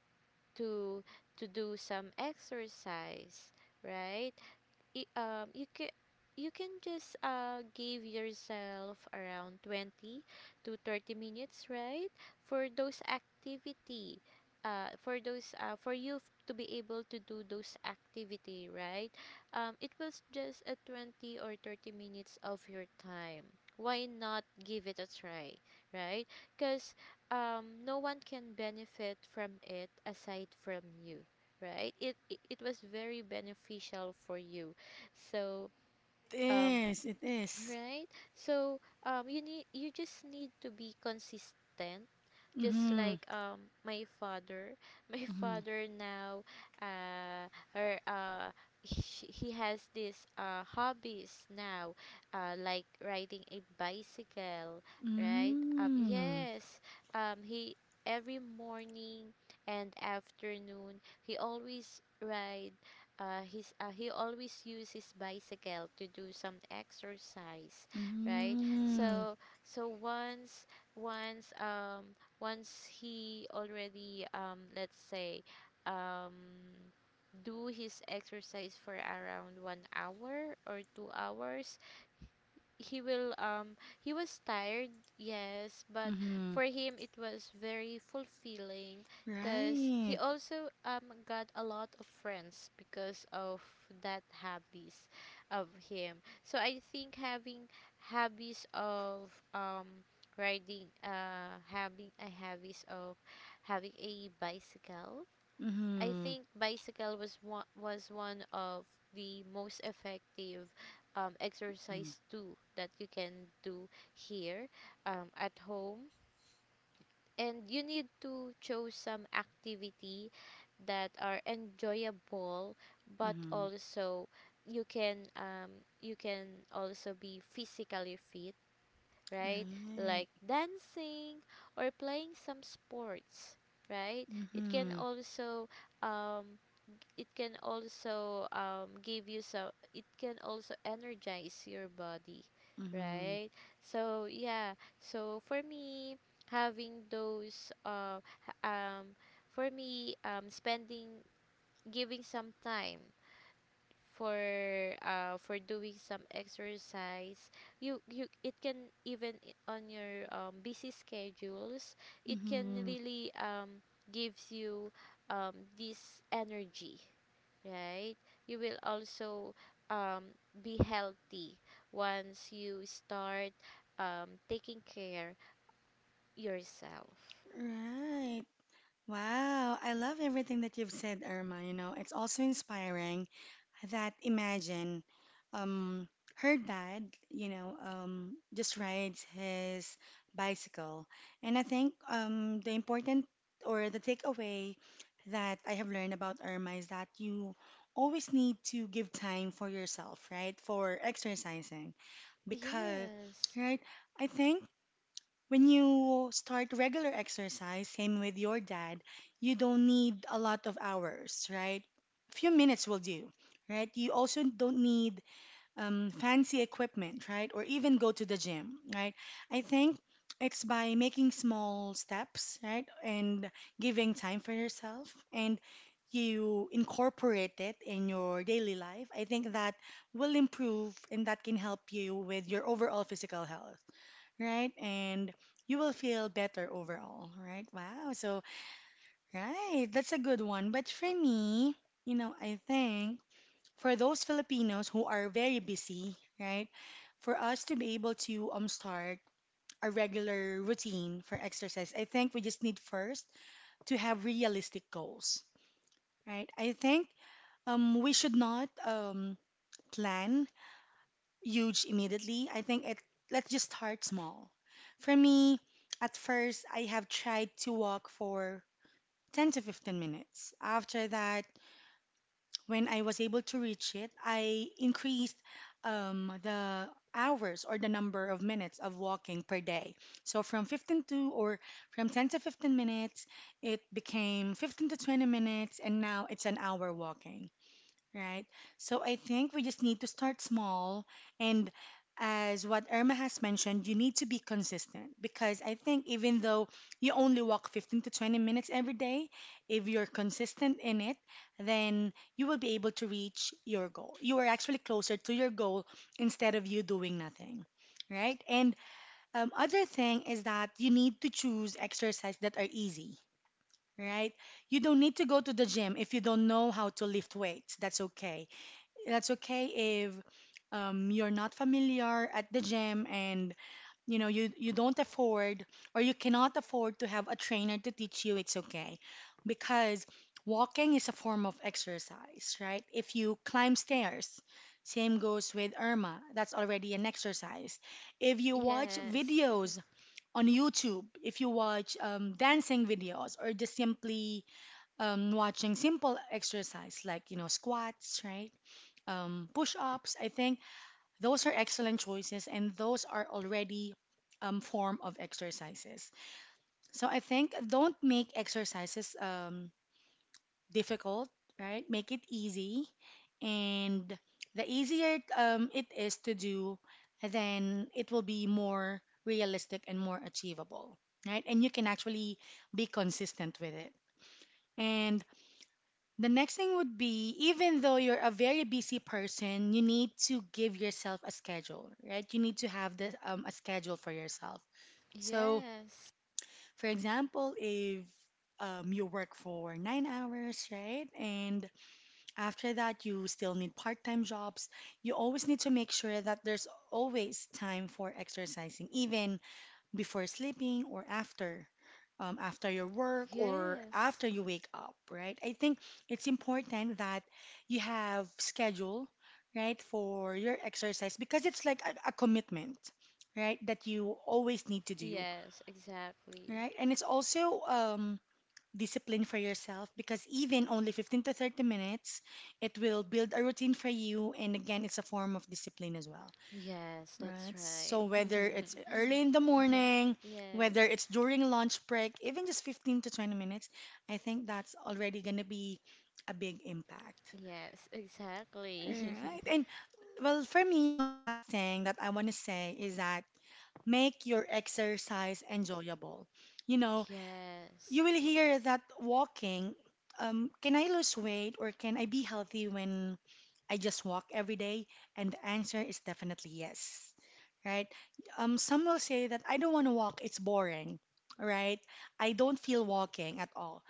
B: To to do some exercise, right? Y- um you can, you can just uh give yourself around twenty to thirty minutes, right, for those activity, uh for those uh for you f- to be able to do those activity, right? Um it was just a twenty or thirty minutes of your time, why not give it a try, right? Because um no one can benefit from it aside from you, right? It, it it was very beneficial for you, so,
A: It
B: um,
A: is. It is.
B: right? So, um, you need, you just need to be consistent, just
A: Mm-hmm.
B: like um my father. My
A: Mm-hmm.
B: father now, uh her uh he, he has this uh hobbies now, uh like riding a bicycle, right? um
A: Mm.
B: yes um he every morning and afternoon he always ride, uh, his uh, he always use his bicycle to do some exercise, right?
A: Mm.
B: So, so once once um once he already, um let's say, um do his exercise for around one hour or two hours, he will um he was tired, yes, but
A: Mhm.
B: for him it was very fulfilling, because he
A: Right.
B: also um got a lot of friends because of that hobbies of him. So I think having hobbies of um riding uh having a hobbies of having a bicycle, I
A: Mhm.
B: think bicycle was one was one of the most effective um,
A: Mm.
B: exercise too that you can do here, um, at home. And you need to choose some activity that are enjoyable, but
A: Mhm.
B: also you can um, you can also be physically fit, right?
A: Right.
B: Like dancing or playing some sports, right? It can
A: Mhm.
B: also, um, it can also um, give you some, it can also energize your body,
A: Mhm.
B: right? So yeah, so for me, having those, uh, h- um for me um spending giving some time for, uh for doing some exercise, you you it can even, i- on your um, busy schedules, it can
A: Mhm.
B: really um gives you um this energy, right? You will also um, be healthy once you start um, taking care yourself.
A: Right. Wow, I love everything that you've said, Irma. You know, it's also inspiring that imagine um, her dad, you know, um, just rides his bicycle. And I think um, the important or the takeaway that I have learned about Irma is that you always need to give time for yourself, right? For exercising. Because,
B: Yes,
A: right, I think when you start regular exercise, same with your dad, you don't need a lot of hours, right? Few minutes will do, right? You also don't need um, fancy equipment, right? Or even go to the gym, right? I think it's by making small steps, right? And giving time for yourself and you incorporate it in your daily life. I think that will improve and that can help you with your overall physical health right? And you will feel better overall, right? Wow. So, right, that's a good one. But for me, you know, I think for those Filipinos who are very busy, right? For us to be able to um start a regular routine for exercise, I think we just need first to have realistic goals, right? I think um we should not um plan huge immediately. I think it let's just start small. For me, at first I have tried to walk for ten to fifteen minutes. After that, when I was able to reach it, I increased um, the hours or the number of minutes of walking per day. So from fifteen to or from ten to fifteen minutes, it became fifteen to twenty minutes and now it's an hour walking. Right. So I think we just need to start small. And as what Irma has mentioned, you need to be consistent because I think even though you only walk fifteen to twenty minutes every day, if you're consistent in it, then you will be able to reach your goal. You are actually closer to your goal instead of you doing nothing. Right. And um, other thing is that you need to choose exercise that are easy. Right. You don't need to go to the gym if you don't know how to lift weights. That's okay that's okay if um, you're not familiar at the gym and you know you, you don't afford or you cannot afford to have a trainer to teach you, it's okay because walking is a form of exercise, right? If you climb stairs, same goes with Irma, that's already an exercise. If you watch
B: yes,
A: videos on YouTube, if you watch um, dancing videos, or just simply um, watching simple exercise like, you know, squats, right, um, push ups. I think those are excellent choices, and those are already um, form of exercises. So I think don't make exercises um, difficult, right? Make it easy, and the easier um, it is to do, then it will be more realistic and more achievable, right? And you can actually be consistent with it. And the next thing would be even though you're a very busy person, you need to give yourself a schedule, right? You need to have the um, a schedule for yourself. So,
B: yes,
A: for example, if um, you work for nine hours, right? And after that, you still need part time jobs. You always need to make sure that there's always time for exercising, even before sleeping or after, um, after your work or
B: yes,
A: after you wake up, right? I think it's important that you have schedule, right, for your exercise because it's like a, a commitment, right, that you always need to do,
B: yes, exactly.
A: right? And it's also um, discipline for yourself because even only fifteen to thirty minutes, it will build a routine for you. And again, it's a form of discipline as well.
B: Yes,
A: Right.
B: that's
A: So
B: right.
A: whether it's early in the morning,
B: Yes,
A: whether it's during lunch break, even just fifteen to twenty minutes, I think that's already going to be a big impact.
B: yes, exactly.
A: Right. And well, for me, you know, last thing that I want to say is that make your exercise enjoyable. You know, you
B: Yes,
A: will hear that walking, um, can I lose weight or can I be healthy when I just walk every day? And the answer is definitely yes, right? Um, some will say that I don't want to walk, it's boring, right? I don't feel walking at all.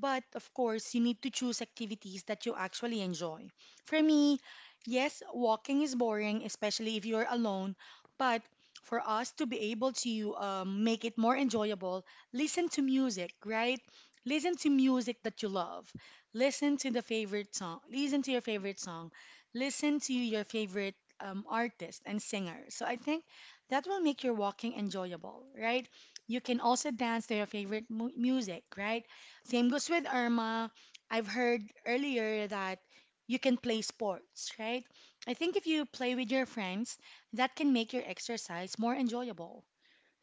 A: But of course, you need to choose activities that you actually enjoy. For me, yes, walking is boring, especially if you're alone. But for us to be able to um, make it more enjoyable, listen to music, right? Listen to music that you love. Listen to the favorite song. Listen to your favorite song. Listen to your favorite um, artist and singer. So I think that will make your walking enjoyable, right? You can also dance to your favorite mu music, right? Same goes with Irma. I've heard earlier that you can play sports, right? I think if you play with your friends, that can make your exercise more enjoyable,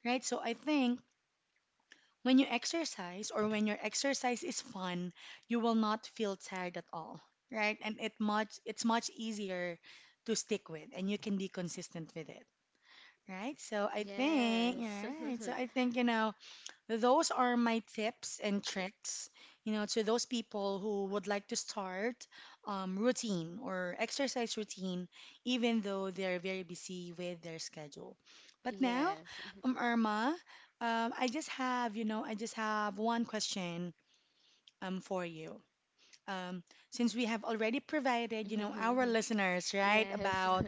A: right? So I think when you exercise or when your exercise is fun, you will not feel tired at all, right? And it much it's much easier to stick with and you can be consistent with it, right? So I think,
B: yes,
A: right? So I think, you know, those are my tips and tricks, you know, to those people who would like to start um, routine or exercise routine, even though they're very busy with their schedule. But now,
B: yes.
A: um, Irma, um, I just have, you know, I just have one question um, for you. Um, since we have already provided, you know, our listeners, right,
B: Yes.
A: about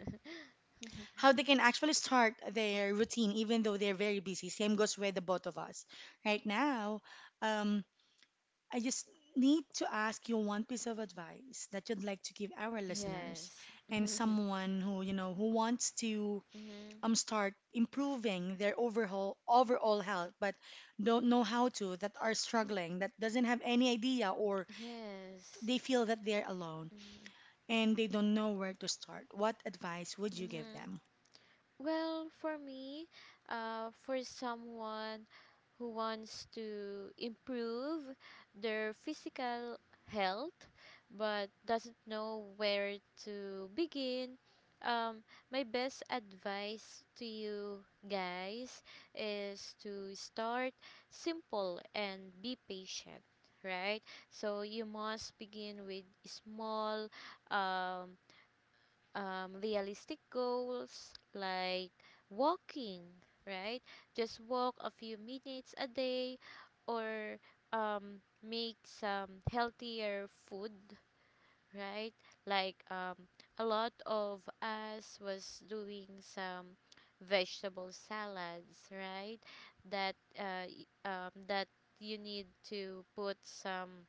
A: how they can actually start their routine even though they're very busy. Same goes with the both of us. Right now, um, I just need to ask you one piece of advice that you'd like to give our listeners
B: Yes.
A: and someone who, you know, who wants to
B: Hmm.
A: um start improving their overall overall health but don't know how to, that are struggling, that doesn't have any idea or
B: Yes.
A: they feel that they're alone
B: Mm-hmm.
A: and they don't know where to start. What advice would you give
B: Mm-hmm.
A: them?
B: Well, for me, uh, for someone who wants to improve their physical health but doesn't know where to begin, um, my best advice to you guys is to start simple and be patient, right? So you must begin with small um, um, realistic goals like walking, right? Just walk a few minutes a day, or um, make some healthier food, right? Like um, a lot of us was doing some vegetable salads, right? That, uh, y- um, that you need to put some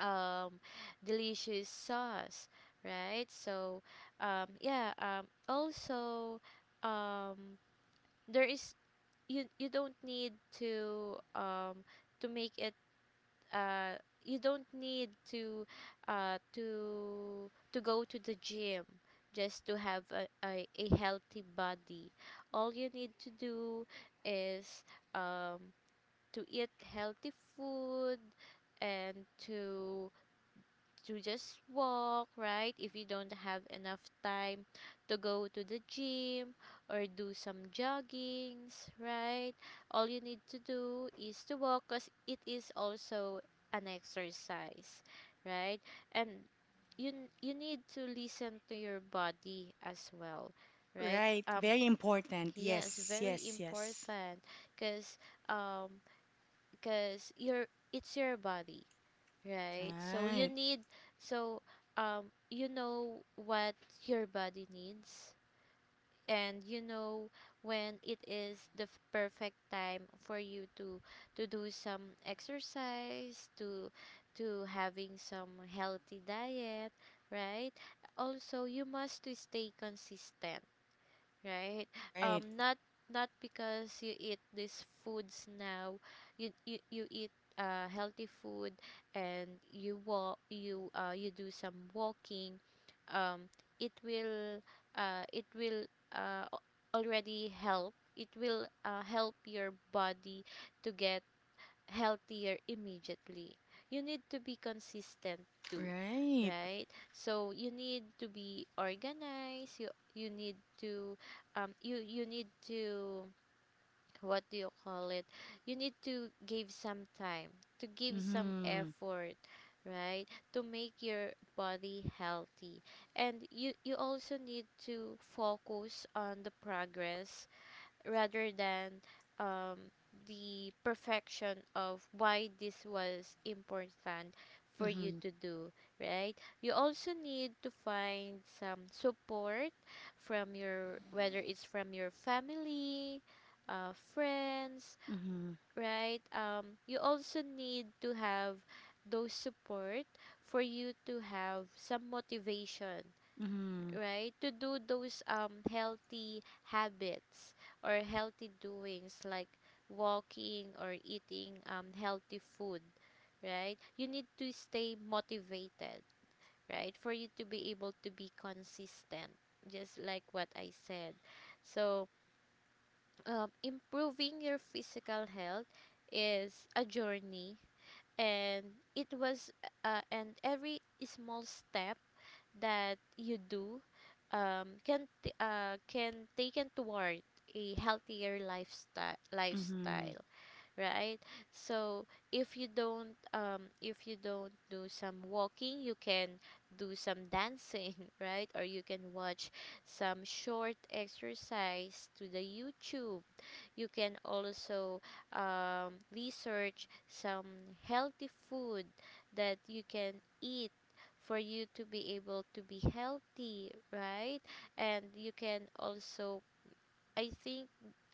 B: um delicious sauce, right? So um yeah um also, um there is you, you don't need to um to make it, uh you don't need to, uh to to go to the gym just to have a, a, a healthy body. All you need to do is um to eat healthy food and to to just walk, right? If you don't have enough time to go to the gym or do some joggings, right? All you need to do is to walk because it is also an exercise, right? And you n- you need to listen to your body as well, right?
A: Right,
B: Um
A: very important.
B: yes,
A: Yes,
B: very
A: yes, yes.
B: important because um because your, it's your body. Right. So you
A: Right,
B: need, so um you know what your body needs, and you know when it is the f- perfect time for you to to do some exercise, to to having some healthy diet, right? Also, you must to stay consistent, right?
A: right,
B: Um, not, not because you eat these foods now, you you, you eat uh, healthy food and you walk, you uh, you do some walking, Um, it will, uh, it will uh, al- already help. It will, uh, help your body to get healthier immediately. You need to be consistent too,
A: right.
B: right? So you need to be organized. You you need to um you you need to, what do you call it? You need to give some time, to give some
A: Mm-hmm.
B: effort, right? To make your body healthy. And you you also need to focus on the progress rather than um, the perfection of why this was important for you
A: Mm-hmm.
B: to do, right? You also need to find some support from your, whether it's from your family, uh, friends,
A: Mm-hmm.
B: right? Um, you also need to have those support for you to have some motivation,
A: Mhm.
B: right, to do those um healthy habits or healthy doings like walking or eating um healthy food, right? You need to stay motivated, right, for you to be able to be consistent, just like what I said. So, um, improving your physical health is a journey, and it was, uh, and every small step that you do, um, can t- uh, can taken toward a healthier lifestyle
A: Mhm.
B: lifestyle right? So if you don't, um if you don't do some walking, you can do some dancing, right, or you can watch some short exercise to the YouTube. You can also um, research some healthy food that you can eat for you to be able to be healthy, right? And you can also, I think,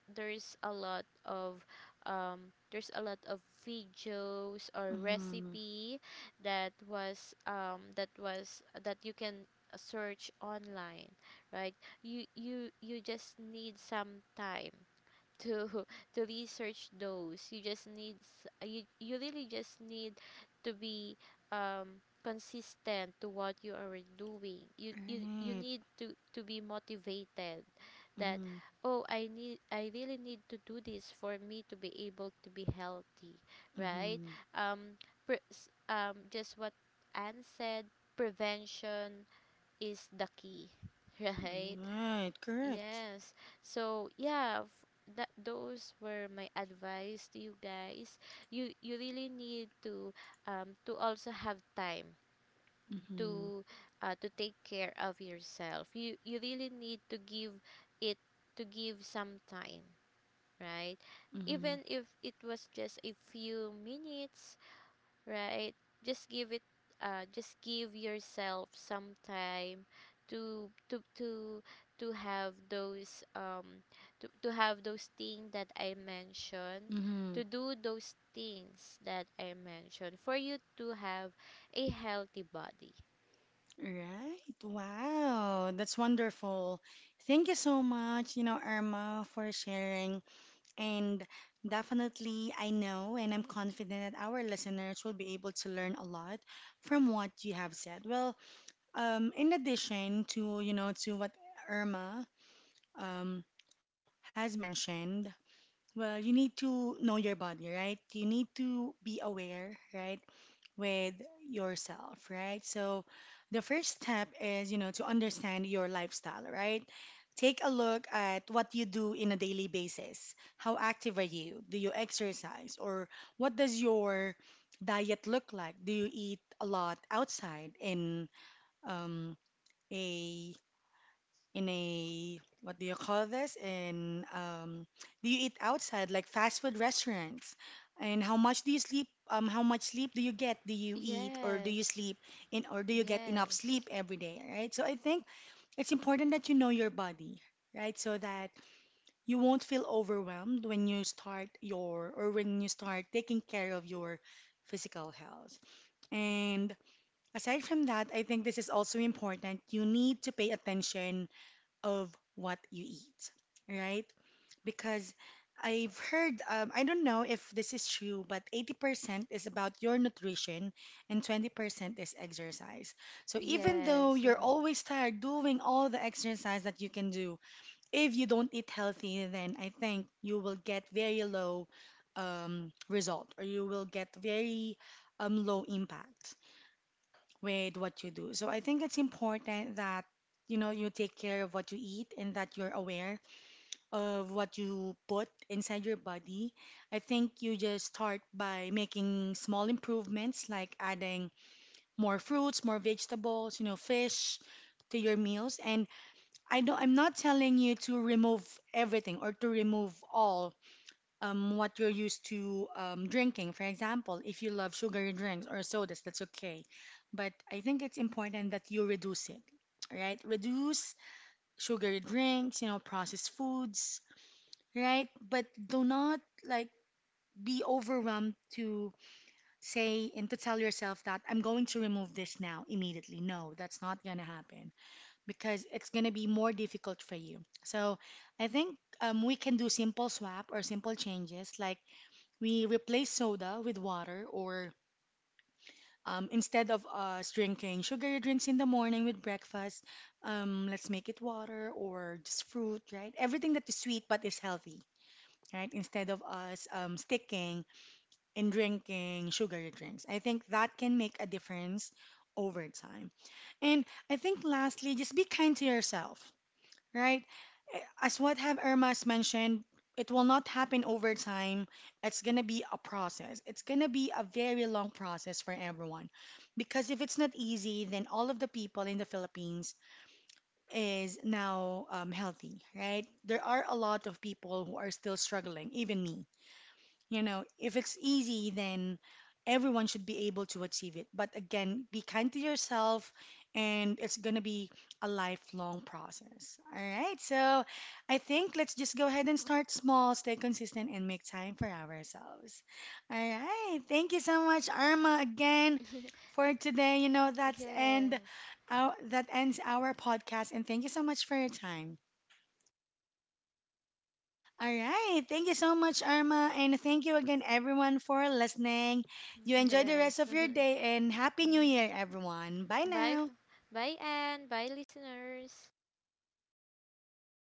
B: there's a lot of um, there's a lot of videos or
A: Mhm.
B: recipe that was um, that was that you can search online, right? You you you just need some time to to research those. You just need, s- you you really just need to be um consistent to what you are doing. You you you
A: Right.
B: need to to be motivated that,
A: Mhm.
B: oh, I need, I really need to do this for me to be able to be healthy, right?
A: Mhm.
B: Um pre- s- um just what Anne said, prevention is the key, right?
A: Right. Correct.
B: Yes. So yeah, f- that those were my advice to you guys. You you really need to um to also have time
A: Mhm.
B: to, uh to take care of yourself. You you really need to give it to give some time, right?
A: Mhm.
B: Even if it was just a few minutes, right? Just give it, uh just give yourself some time to to to to have those, um to, to have those things that I mentioned,
A: Mhm.
B: to do those things that I mentioned for you to have a healthy body.
A: Right. Wow. That's wonderful. Thank you so much, you know, Irma, for sharing. And definitely, I know and I'm confident that our listeners will be able to learn a lot from what you have said. Well, um, in addition to, you know, to what Irma um, has mentioned, well, you need to know your body, right? You need to be aware, right, with yourself, right? So the first step is, you know, to understand your lifestyle, right? Take a look at what you do in a daily basis. How active are you? Do you exercise? Or what does your diet look like? Do you eat a lot outside in um, a in a what do you call this? In um, do you eat outside like fast food restaurants? And how much do you sleep? Um, how much sleep do you get? Do you eat or do you
B: Yes.
A: sleep in or do you get enough
B: Yes.
A: sleep every day, right? So I think it's important that you know your body, right? So that you won't feel overwhelmed when you start your or when you start taking care of your physical health. And aside from that, I think this is also important. You need to pay attention of what you eat, right? Because I've heard, um, I don't know if this is true, but eighty percent is about your nutrition and twenty percent is exercise. So even though
B: Yes.
A: you're always tired doing all the exercise that you can do, if you don't eat healthy, then I think you will get very low um, result or you will get very um, low impact with what you do. So I think it's important that you know you take care of what you eat and that you're aware of what you put inside your body. I think you just start by making small improvements like adding more fruits, more vegetables, you know, fish to your meals and I don't I'm not telling you to remove everything or to remove all um, what you're used to um, drinking. For example, if you love sugary drinks or sodas, that's okay. But I think it's important that you reduce it, right? Reduce sugary drinks, you know, processed foods, right? But do not like be overwhelmed to say and to tell yourself that I'm going to remove this now immediately. No, that's not going to happen because it's going to be more difficult for you. So I think um, we can do simple swap or simple changes like we replace soda with water, or um, instead of us drinking sugary drinks in the morning with breakfast, um, let's make it water or just fruit, right? Everything that is sweet but is healthy, right? Instead of us um, sticking and drinking sugary drinks. I think that can make a difference over time. And I think lastly, just be kind to yourself. Right? As what have Irma's mentioned, it will not happen over time. It's gonna be a process. It's gonna be a very long process for everyone. Because if it's not easy, then all of the people in the Philippines is now um, healthy, right? There are a lot of people who are still struggling, even me. You know, if it's easy, then everyone should be able to achieve it. But again, be kind to yourself, and it's going to be a lifelong process. All right. So I think let's just go ahead and start small, stay consistent, and make time for ourselves. All right. Thank you so much, Arma, again for today. You know, that's end.
B: Yes.
A: Our, that ends our podcast, and thank you so much for your time. All right. Thank you so much, Arma. And thank you again, everyone, for listening. You enjoy the rest
B: Yes.
A: of your day and Happy New
B: Mhm.
A: Year, everyone. Bye
B: bye
A: now.
B: f- bye Anne. Bye listeners.